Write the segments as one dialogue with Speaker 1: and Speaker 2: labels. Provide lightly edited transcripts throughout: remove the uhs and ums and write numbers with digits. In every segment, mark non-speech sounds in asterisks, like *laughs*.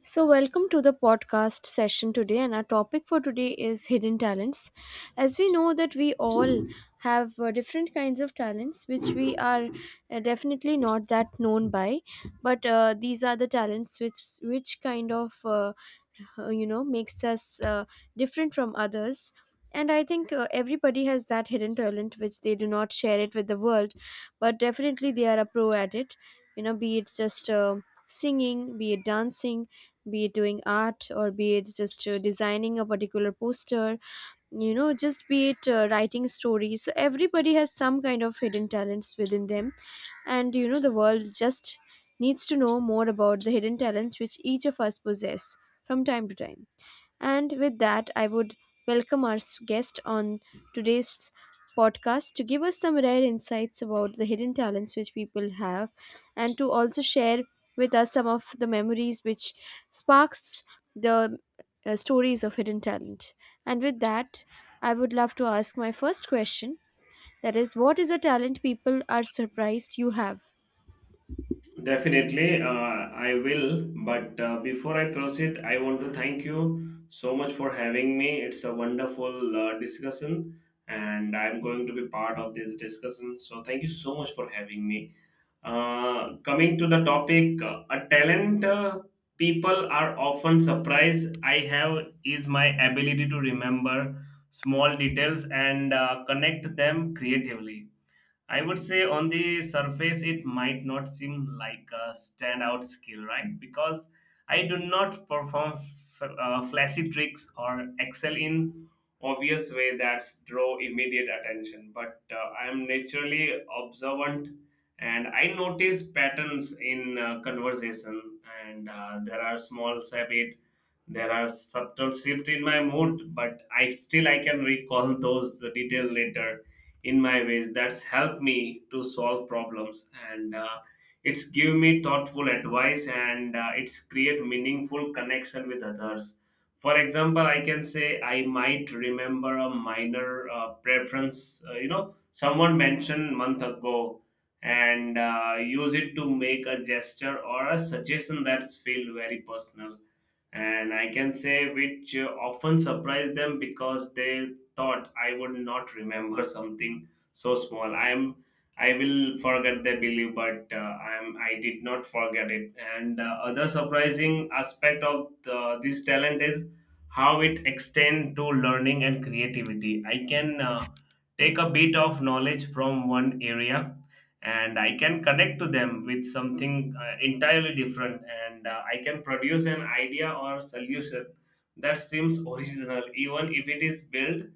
Speaker 1: So, welcome to the podcast session today, and our topic for today is hidden talents. As we know that we all have different kinds of talents, which we are definitely not that known by, but these are the talents which makes us different from others. And I think everybody has that hidden talent which they do not share it with the world, but definitely they are a pro at it. You know, be it just singing, be it dancing, be it doing art, or be it just designing a particular poster, you know, just be it writing stories. So everybody has some kind of hidden talents within them, and you know the world just needs to know more about the hidden talents which each of us possess from time to time. And with that, I would welcome our guest on today's podcast to give us some rare insights about the hidden talents which people have, and to also share with us some of the memories which sparks the stories of hidden talent. And with that, I would love to ask my first question, that is, what is a talent people are surprised you have?
Speaker 2: Definitely, I will. But before I proceed, I want to thank you so much for having me. It's a wonderful discussion, and I'm going to be part of this discussion. So, thank you so much for having me. Coming to the topic, a talent people are often surprised I have is my ability to remember small details and connect them creatively. I would say on the surface, it might not seem like a standout skill, right? Because I do not perform flashy tricks or excel in obvious way that draw immediate attention. But I am naturally observant, and I notice patterns in conversation, and there are small habits, there are subtle shift in my mood, but I still I can recall *laughs* those detail later in my ways. That's helped me to solve problems and it's give me thoughtful advice and it's create meaningful connection with others. For example, I can say I might remember a minor preference. Someone mentioned month ago and use it to make a gesture or a suggestion that's feel very personal, and I can say which often surprised them because they thought I would not remember *laughs* something so small. I will forget the belief, but I did not forget it. And other surprising aspect of this talent is how it extends to learning and creativity. I can take a bit of knowledge from one area, and I can connect to them with something entirely different, and I can produce an idea or solution that seems original even if it is built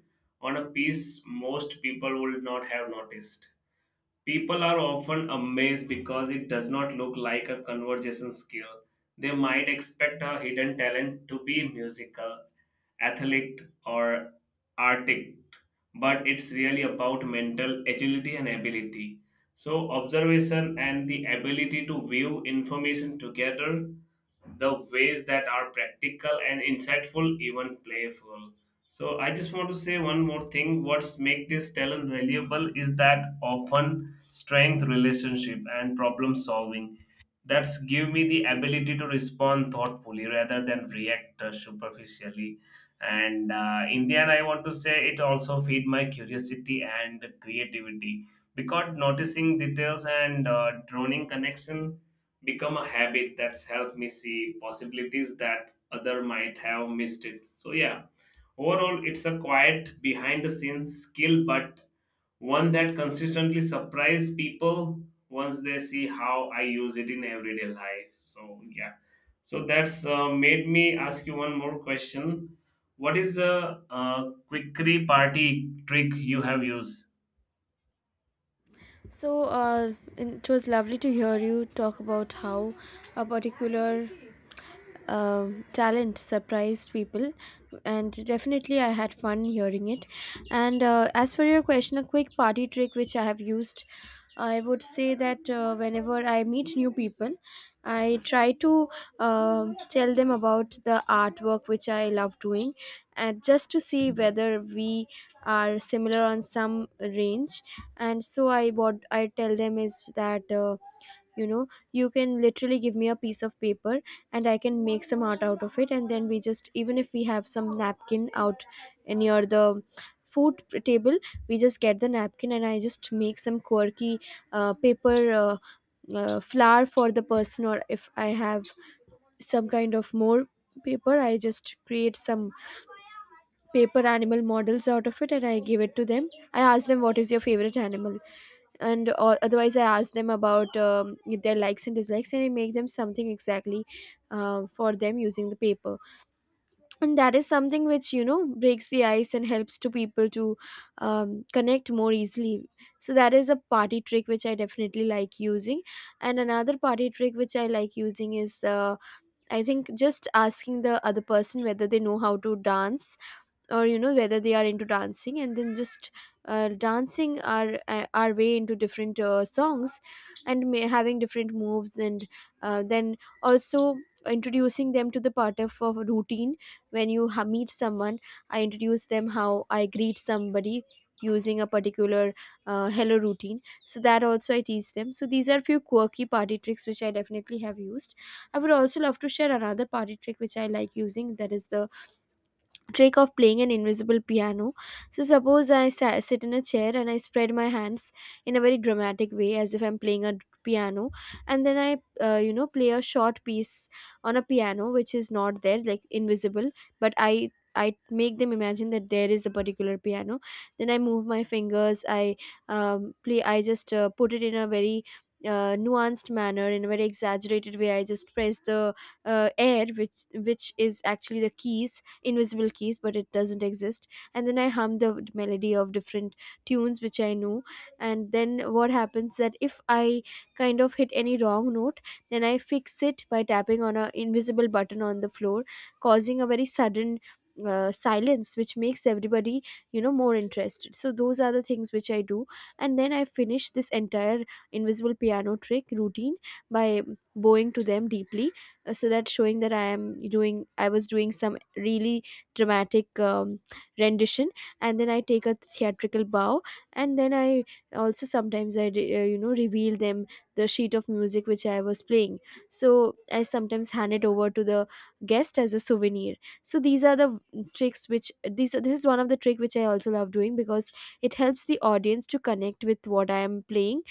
Speaker 2: on a piece most people would not have noticed. People are often amazed because it does not look like a conversation skill. They might expect a hidden talent to be musical, athlete, or artist, but it's really about mental agility and ability. So, observation and the ability to view information together, the ways that are practical and insightful, even playful. So, I just want to say one more thing. What's make this talent valuable is that often strength, relationship, and problem solving, that's give me the ability to respond thoughtfully rather than react superficially, and in the end I want to say it also feed my curiosity and creativity because noticing details and droning connection become a habit that's helped me see possibilities that other might have missed it. So yeah, overall it's a quiet behind the scenes skill, but one that consistently surprise people once they see how I use it in everyday life. So yeah, so that's made me ask you one more question. What is a, quickery party trick you have used?
Speaker 1: So, it was lovely to hear you talk about how a particular talent surprised people, and definitely I had fun hearing it. And as for your question, a quick party trick which I have used, I would say that whenever I meet new people, I try to tell them about the artwork which I love doing, and just to see whether we are similar on some range. And so I what I tell them is that you know, you can literally give me a piece of paper and I can make some art out of it. And then we just, even if we have some napkin out near the food table, we just get the napkin and I just make some quirky paper flower for the person. Or if I have some kind of more paper, I just create some paper animal models out of it and I give it to them. I ask them, what is your favorite animal? And or otherwise I ask them about their likes and dislikes, and I make them something exactly for them using the paper. And that is something which, you know, breaks the ice and helps to people to connect more easily. So that is a party trick which I definitely like using. And another party trick which I like using is, I think, just asking the other person whether they know how to dance, or you know, whether they are into dancing, and then just dancing our way into different songs, and may, having different moves, and then also introducing them to the part of routine. When you meet someone, I introduce them how I greet somebody using a particular hello routine. So that also I teach them. So these are few quirky party tricks which I definitely have used. I would also love to share another party trick which I like using, that is the trick of playing an invisible piano. So, suppose I sit in a chair and I spread my hands in a very dramatic way as if I'm playing a piano, and then I, you know, play a short piece on a piano which is not there, like invisible, but I make them imagine that there is a particular piano. Then I move my fingers. I play. I just put it in a very nuanced manner, in a very exaggerated way. I just press the air, which is actually the keys, invisible keys, but it doesn't exist. And then I hum the melody of different tunes which I know. And then what happens, that if I kind of hit any wrong note, then I fix it by tapping on an invisible button on the floor, causing a very sudden silence which makes everybody, you know, more interested. So those are the things which I do. And then I finish this entire invisible piano trick routine by bowing to them deeply, so that showing that I was doing some really dramatic rendition. And then I take a theatrical bow. And then I also sometimes I you know, reveal them the sheet of music which I was playing. So I sometimes hand it over to the guest as a souvenir. So these are the tricks which, these this is one of the trick which I also love doing, because it helps the audience to connect with what I am playing.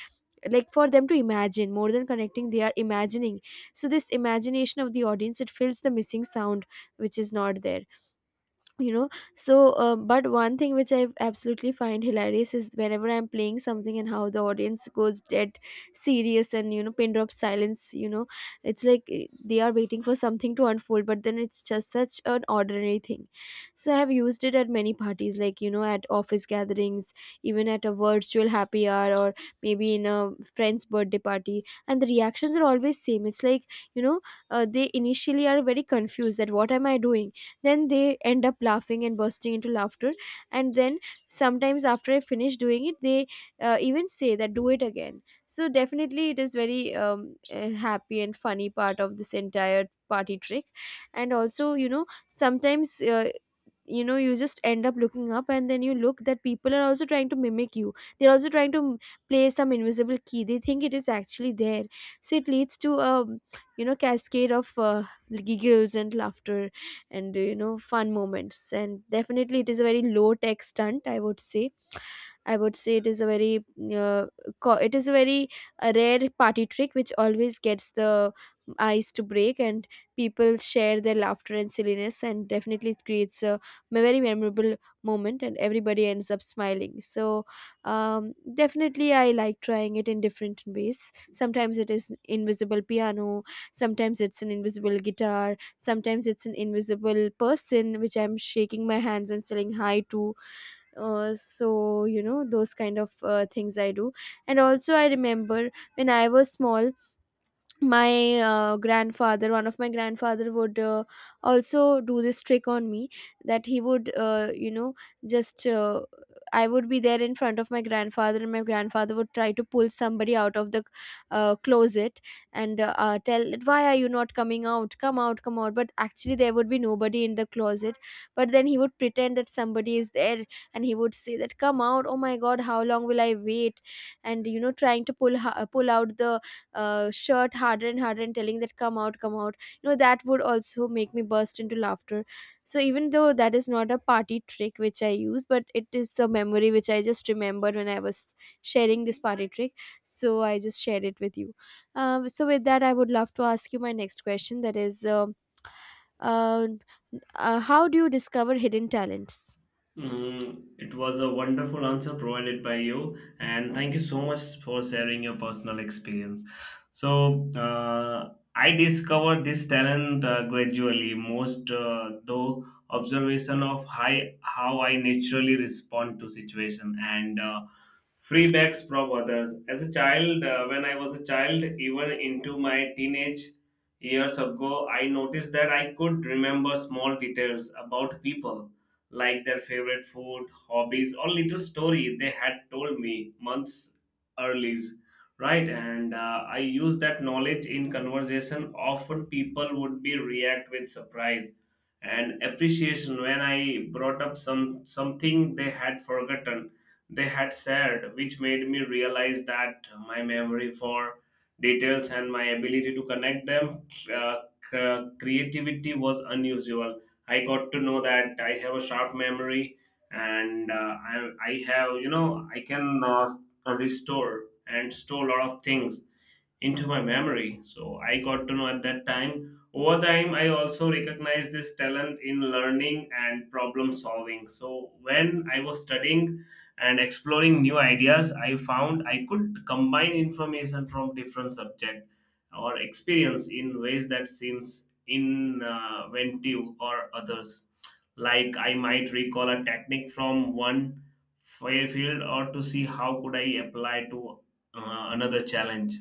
Speaker 1: Like, for them to imagine, more than connecting they are imagining. So this imagination of the audience, it fills the missing sound which is not there, you know. So but one thing which I absolutely find hilarious is whenever I'm playing something and how the audience goes dead serious, and you know, pin drop silence, you know, it's like, eh, they are waiting for something to unfold, but then it's just such an ordinary thing. So I have used it at many parties, like you know, at office gatherings, even at a virtual happy hour, or maybe in a friend's birthday party. And the reactions are always same. It's like, you know, they initially are very confused that what am I doing. Then they end up laughing and bursting into laughter. And then sometimes after I finish doing it, they even say that do it again. So definitely it is very happy and funny part of this entire party trick. And also, you know, sometimes you know, you just end up looking up, and then you look that people are also trying to mimic you. They're also trying to play some invisible key. They think it is actually there. So it leads to a, you know, cascade of giggles and laughter and you know, fun moments. And definitely it is a very low tech stunt, I would say. I would say it is a very uh, it is a very rare party trick which always gets the ice to break, and people share their laughter and silliness. And definitely it creates a very memorable moment, and everybody ends up smiling. So definitely I like trying it in different ways. Sometimes it is invisible piano, sometimes it's an invisible guitar, sometimes it's an invisible person which I'm shaking my hands and saying hi to. So you know, those kind of things I do. And also I remember when I was small, my grandfather one of my grandfather would also do this trick on me that he would you know, just I would be there in front of my grandfather, and my grandfather would try to pull somebody out of the closet, and tell that, why are you not coming out, come out, come out. But actually there would be nobody in the closet. But then he would pretend that somebody is there, and he would say that come out, oh my god, how long will I wait. And you know, trying to pull out the shirt harder and harder, and telling that come out, come out, you know. That would also make me burst into laughter. So even though that is not a party trick which I use, but it is a memory which I just remembered when I was sharing this party trick, so I just shared it with you. So with that, I would love to ask you my next question, that is, uh, how do you discover hidden talents?
Speaker 2: Mm, it was a wonderful answer provided by you, and thank you so much for sharing your personal experience. So, I discovered this talent gradually, most though observation of high, how I naturally respond to situation and feedbacks from others. As a child, even into my teenage years ago, I noticed that I could remember small details about people like their favorite food, hobbies, or little story they had told me months early. Right, and I use that knowledge in conversation. Often people would be react with surprise and appreciation when I brought up something they had forgotten, they had said, which made me realize that my memory for details and my ability to connect them, uh, creativity was unusual. I got to know that I have a sharp memory, and I have, you know, I can restore and store a lot of things into my memory. So I got to know at that time. Over time, I also recognized this talent in learning and problem solving. So when I was studying and exploring new ideas, I found I could combine information from different subject or experience in ways that seems inventive or others. Like I might recall a technique from one fire field or to see how could I apply to another challenge.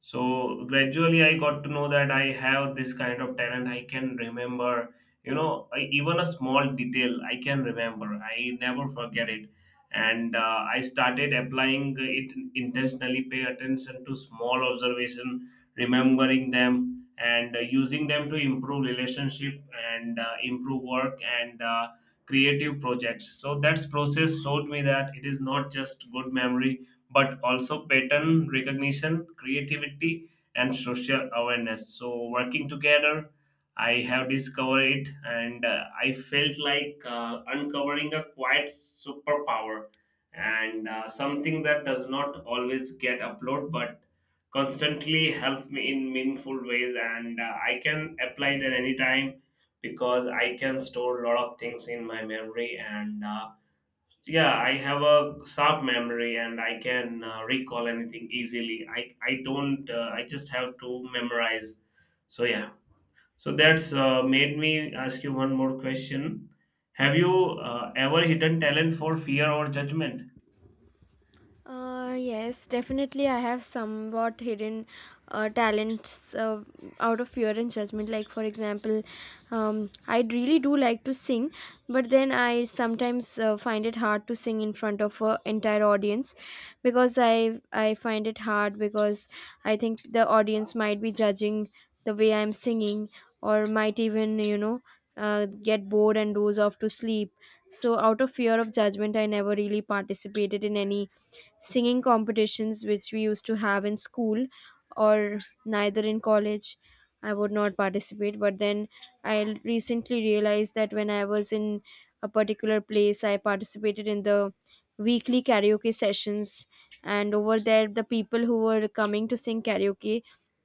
Speaker 2: So gradually I got to know that I have this kind of talent. I can remember, you know, I, even a small detail I can remember, I never forget it. And I started applying it intentionally, pay attention to small observation, remembering them, and using them to improve relationship and improve work and creative projects. So that's process showed me that it is not just good memory, but also pattern recognition, creativity, and social awareness, so working together I have discovered it, and I felt like uncovering a quiet superpower and something that does not always get uploaded but constantly helps me in meaningful ways, and I can apply it at any time because I can store a lot of things in my memory and yeah, I have a sharp memory and I can recall anything easily. I don't I just have to memorize. So yeah, so that's made me ask you one more question. Have you ever hidden talent for fear or judgment?
Speaker 1: Yes, definitely. I have somewhat hidden talents out of fear and judgment. Like, for example, I really do like to sing, but then I sometimes find it hard to sing in front of an entire audience, because I find it hard, because I think the audience might be judging the way I'm singing, or might even, you know, get bored and doze off to sleep. So, out of fear of judgment, I never really participated in any singing competitions which we used to have in school, or neither in college. I would not participate, but then I recently realized that when I was in a particular place, I participated in the weekly karaoke sessions. And over there, the people who were coming to sing karaoke,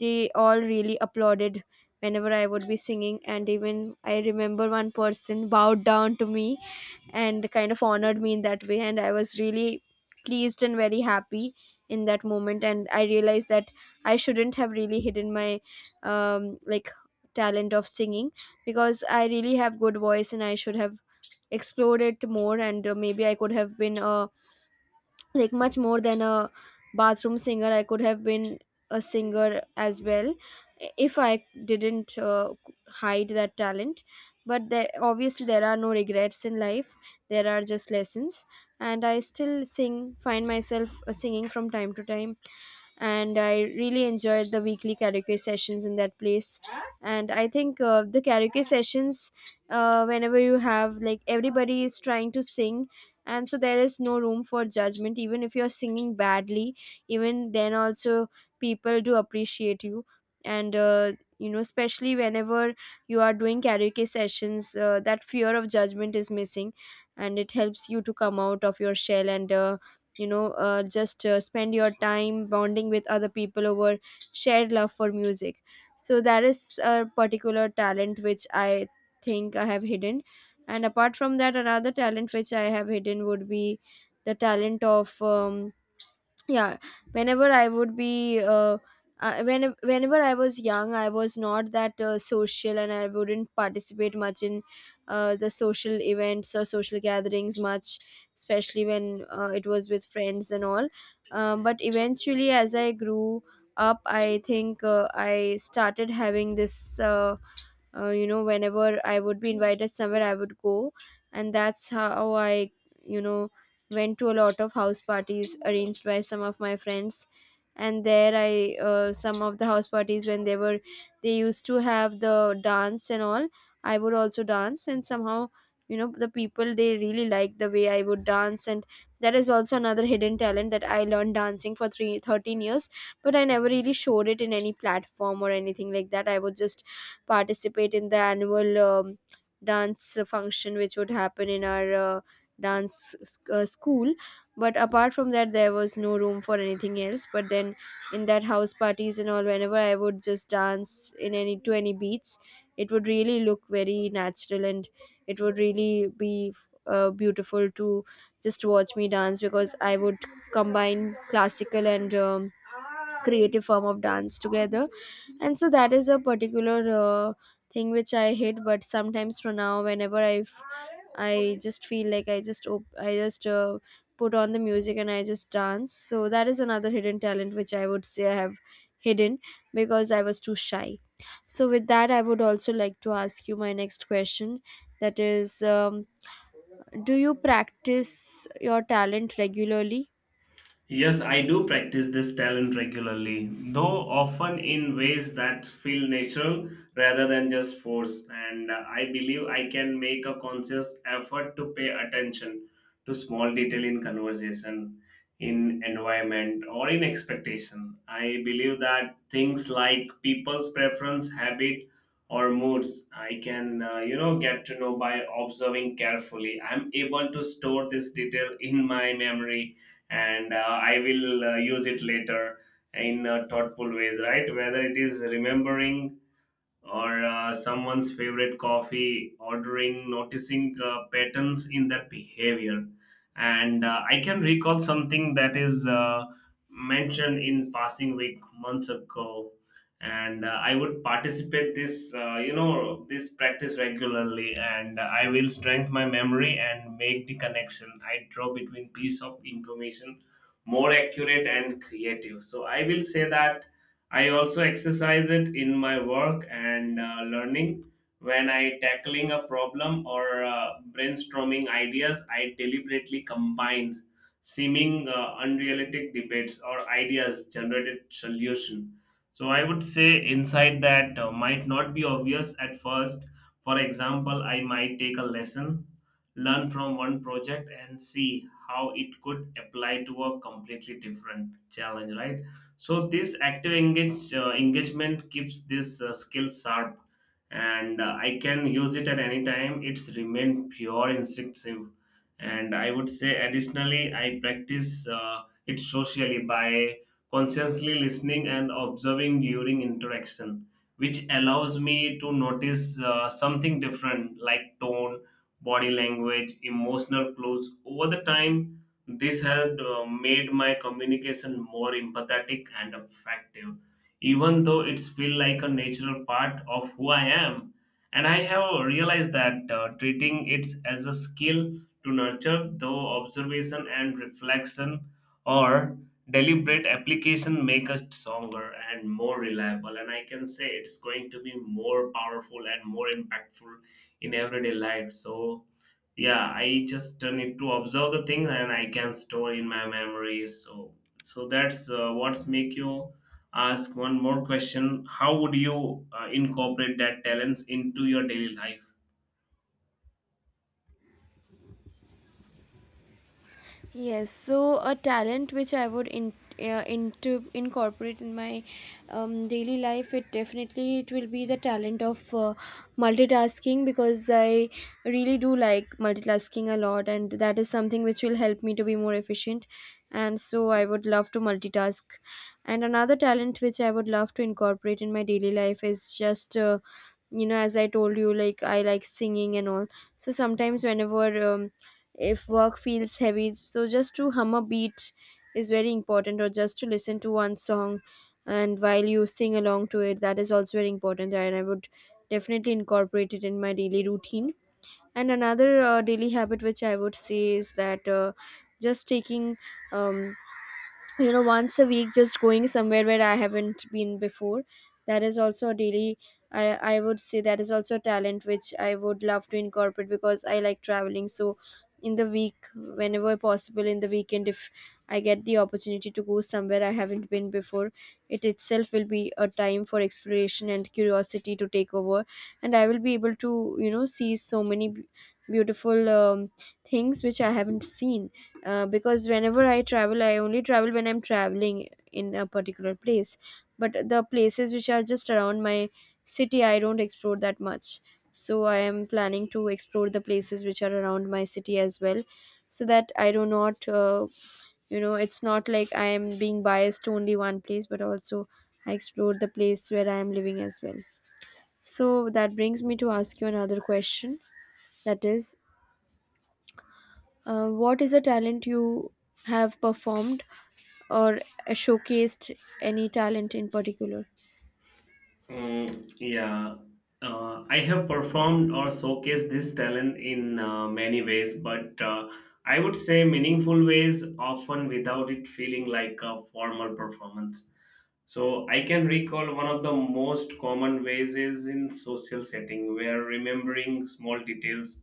Speaker 1: they all really applauded whenever I would be singing. And even I remember one person bowed down to me and kind of honored me in that way, and I was really pleased and very happy in that moment. And I realized that I shouldn't have really hidden my like talent of singing, because I really have good voice and I should have explored it more. And maybe I could have been a, like, much more than a bathroom singer. I could have been a singer as well if I didn't hide that talent. But there, obviously there are no regrets in life, there are just lessons. And I still sing, find myself singing from time to time. And I really enjoyed the weekly karaoke sessions in that place. And I think the karaoke sessions, whenever you have, like, everybody is trying to sing, and so there is no room for judgment. Even if you're singing badly, even then also people do appreciate you. And especially whenever you are doing karaoke sessions, that fear of judgment is missing, and it helps you to come out of your shell and you know just spend your time bonding with other people over shared love for music. So that is a particular talent which I think I have hidden. And apart from that, another talent which I have hidden would be the talent of yeah, whenever I would be, whenever I was young. I was not that social, and I wouldn't participate much in the social events or social gatherings much, especially when it was with friends and all. But eventually, as I grew up, I think I started having this, whenever I would be invited somewhere, I would go. And that's how I, you know went to a lot of house parties arranged by some of my friends. And there I, some of the house parties, when they used to have the dance and all, I would also dance. And somehow, the people, they really liked the way I would dance. And that is also another hidden talent, that I learned dancing for three thirteen years. But I never really showed it in any platform or anything like that. I would just participate in the annual dance function which would happen in our school. But apart from that, there was no room for anything else. But then, in that house parties and all, whenever I would just dance in, any to any beats, it would really look very natural. And it would really be beautiful to just watch me dance, because I would combine classical and creative form of dance together. And so that is a particular uh, thing which I hate. But sometimes, for now, whenever I just feel like I just put on the music and I just dance. So that is another hidden talent which I would say I have hidden, because I was too shy. So with that, I would also like to ask you my next question, that is, do you practice your talent regularly?
Speaker 2: Yes, I do practice this talent regularly, though often in ways that feel natural rather than just forced. And I believe I can make a conscious effort to pay attention to small detail in conversation, in environment, or in expectation. I believe that things like people's preference, habit, or moods, I can, you know, get to know by observing carefully. I'm able to store this detail in my memory, and I will use it later in thoughtful ways, right? Whether it is remembering or someone's favorite coffee ordering, noticing patterns in their behavior, and I can recall something that is mentioned in passing week months ago, and I would participate this, you know, this practice regularly, and I will strengthen my memory and make the connection I draw between piece of information more accurate and creative. So I will say that I also exercise it in my work and learning. When I tackling a problem or brainstorming ideas, I deliberately combine seeming unrealistic debates or ideas generated solution. So I would say insight that might not be obvious at first. For example, I might take a lesson, learn from one project, and see how it could apply to a completely different challenge. Right, so this active engagement keeps this skill sharp, and I can use it at any time. It's remained pure instinctive, and I would say additionally, I practice it socially by consciously listening and observing during interaction, which allows me to notice something different, like tone, body language, emotional clues. Over the time, this had made my communication more empathetic and effective, even though it's feel like a natural part of who I am. And I have realized that treating it as a skill to nurture, though observation and reflection or deliberate application, make us stronger and more reliable. And I can say it's going to be more powerful and more impactful in everyday life. So yeah, I just need to observe the thing and I can store in my memories. So so that's what's make you ask one more question. How would you incorporate that talents into your daily life?
Speaker 1: Yes, so a talent which I would in, into incorporate in my daily life, it definitely, it will be the talent of multitasking, because I really do like multitasking a lot, and that is something which will help me to be more efficient. And so I would love to multitask. And another talent which I would love to incorporate in my daily life is just. As I told you, like, I like singing and all. So sometimes, whenever, if work feels heavy, so just to hum a beat is very important, or just to listen to one song and while you sing along to it, that is also very important. And I would definitely incorporate it in my daily routine. And another daily habit which I would say is that, just taking, um, once a week just going somewhere where I haven't been before. That is also a daily, i I would say that is also a talent which I would love to incorporate, because I like traveling. So in the week, whenever possible, in the weekend, if I get the opportunity to go somewhere I haven't been before, it itself will be a time for exploration and curiosity to take over. And I will be able to, see so many beautiful things which I haven't seen. Because whenever I travel, I only travel when I'm traveling in a particular place. But the places which are just around my city, I don't explore that much. So I am planning to explore the places which are around my city as well, so that I do not, it's not like I am being biased to only one place, but also I explore the place where I am living as well. So that brings me to ask you another question. That is, what is a talent you have performed or showcased? Any talent in particular?
Speaker 2: Mm, yeah, I have performed or showcased this talent in many ways, but I would say meaningful ways, often without it feeling like a formal performance. So I can recall one of the most common ways is in social setting where remembering small details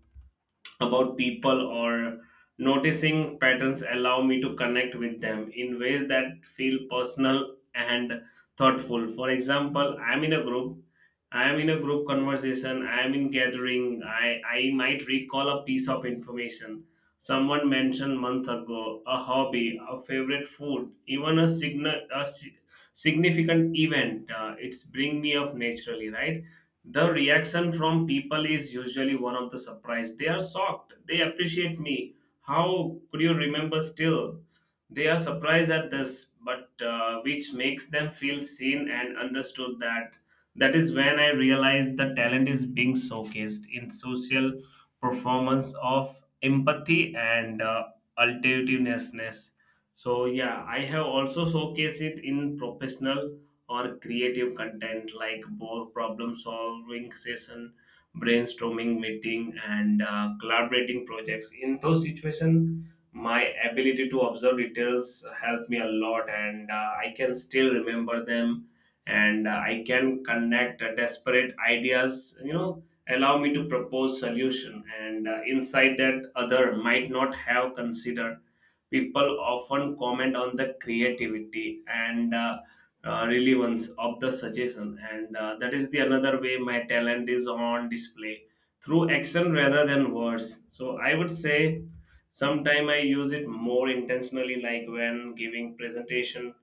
Speaker 2: about people or noticing patterns allow me to connect with them in ways that feel personal and thoughtful. For example, I am in a group conversation, I am in gathering. I might recall a piece of information someone mentioned months ago, a hobby, a favorite food, even a significant event, it's bring me up naturally, right? The reaction from people is usually one of the surprise. They are shocked. They appreciate me. How could you remember still? They are surprised at this, but which makes them feel seen and understood. That is when I realized the talent is being showcased in social performance of empathy and alternativeness. So yeah, I have also showcased it in professional or creative content like both problem solving session, brainstorming meeting, and collaborating projects. In those situations my ability to observe details helped me a lot, and I can still remember them, and I can connect desperate ideas, you know, allow me to propose solution and insight that other might not have considered. People often comment on the creativity and relevance of the suggestion, and that is the another way my talent is on display through action rather than words. So I would say sometime I use it more intentionally, like when giving presentation,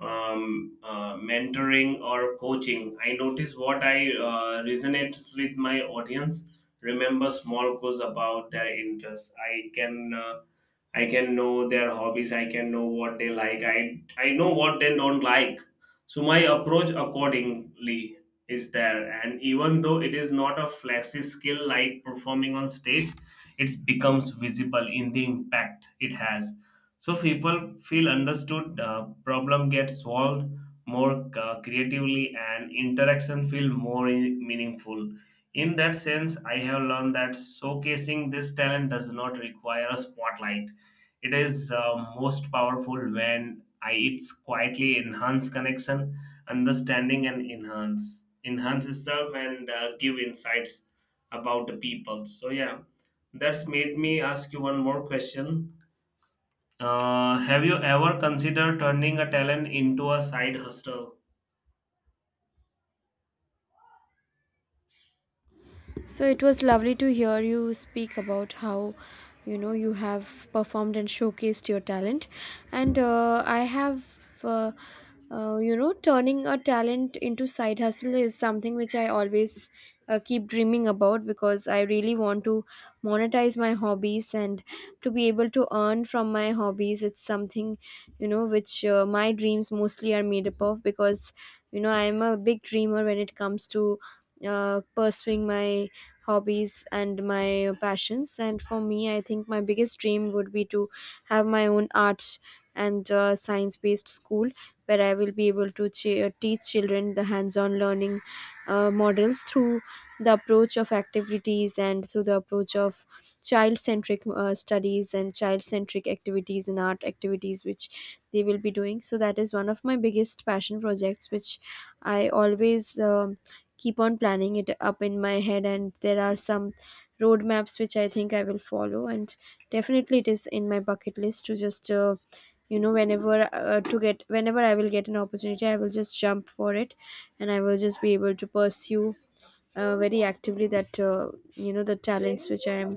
Speaker 2: mentoring, or coaching. I notice what I resonates with my audience. Remember small clues about their interests. I can. I can know their hobbies. I can know what they like. I know what they don't like. So my approach accordingly is there. And even though it is not a flashy skill like performing on stage, it becomes visible in the impact it has. So people feel understood. Problem gets solved more creatively, and interaction feel more meaningful. In that sense, I have learned that showcasing this talent does not require a spotlight. It is most powerful when I it's quietly enhance connection, understanding, and enhance itself and give insights about the people. So yeah, that's made me ask you one more question. Have you ever considered turning a talent into a side hustle?
Speaker 1: So it was lovely to hear you speak about how, you have performed and showcased your talent, and I have. Uh, Turning a talent into side hustle is something which I always keep dreaming about, because I really want to monetize my hobbies and to be able to earn from my hobbies. It's something, which my dreams mostly are made up of, because, I'm a big dreamer when it comes to pursuing my hobbies and my passions. And for me, I think my biggest dream would be to have my own arts and science based school, where I will be able to teach children the hands on learning models through the approach of activities, and through the approach of child centric studies and child centric activities and art activities which they will be doing. So that is one of my biggest passion projects which I always keep on planning it up in my head. And there are some roadmaps which I think I will follow. And definitely, it is in my bucket list to just, whenever I will get an opportunity, I will just jump for it. And I will just be able to pursue very actively, that, the talents which I am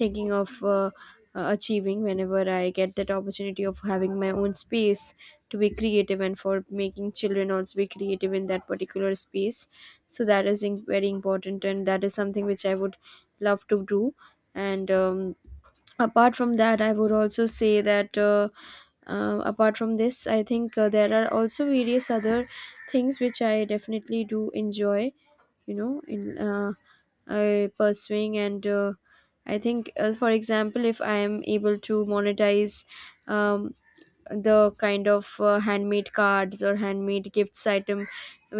Speaker 1: thinking of achieving, whenever I get that opportunity of having my own space to be creative and for making children also be creative in that particular space. So that is very important, and that is something which I would love to do. And apart from that i would also say that uh, apart from this, I think there are also various other things which I definitely do enjoy, in pursuing. And I think, for example, if I am able to monetize, um, the kind of handmade cards or handmade gifts item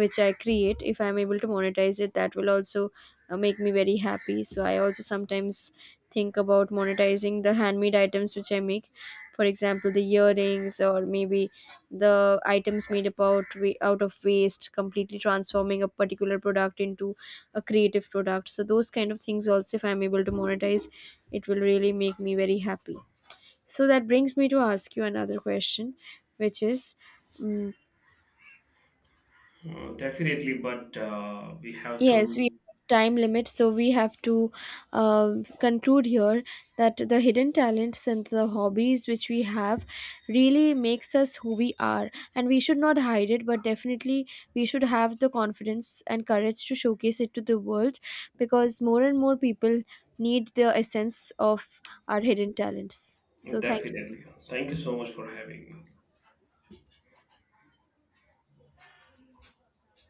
Speaker 1: which I create, if I'm able to monetize it, that will also make me very happy. So I also sometimes think about monetizing the handmade items which I make. For example, the earrings, or maybe the items made about out of waste, completely transforming a particular product into a creative product. So those kind of things also, if I'm able to monetize, it will really make me very happy. So that brings me to ask you another question, which is, mm,
Speaker 2: Definitely, but we have
Speaker 1: yes, we have
Speaker 2: to
Speaker 1: time limit, so we have to conclude here that the hidden talents and the hobbies which we have really makes us who we are. And we should not hide it, but definitely we should have the confidence and courage to showcase it to the world, because more and more people need the essence of our hidden talents. So thank you so
Speaker 2: definitely.
Speaker 1: much.
Speaker 2: Thank you so much for having me.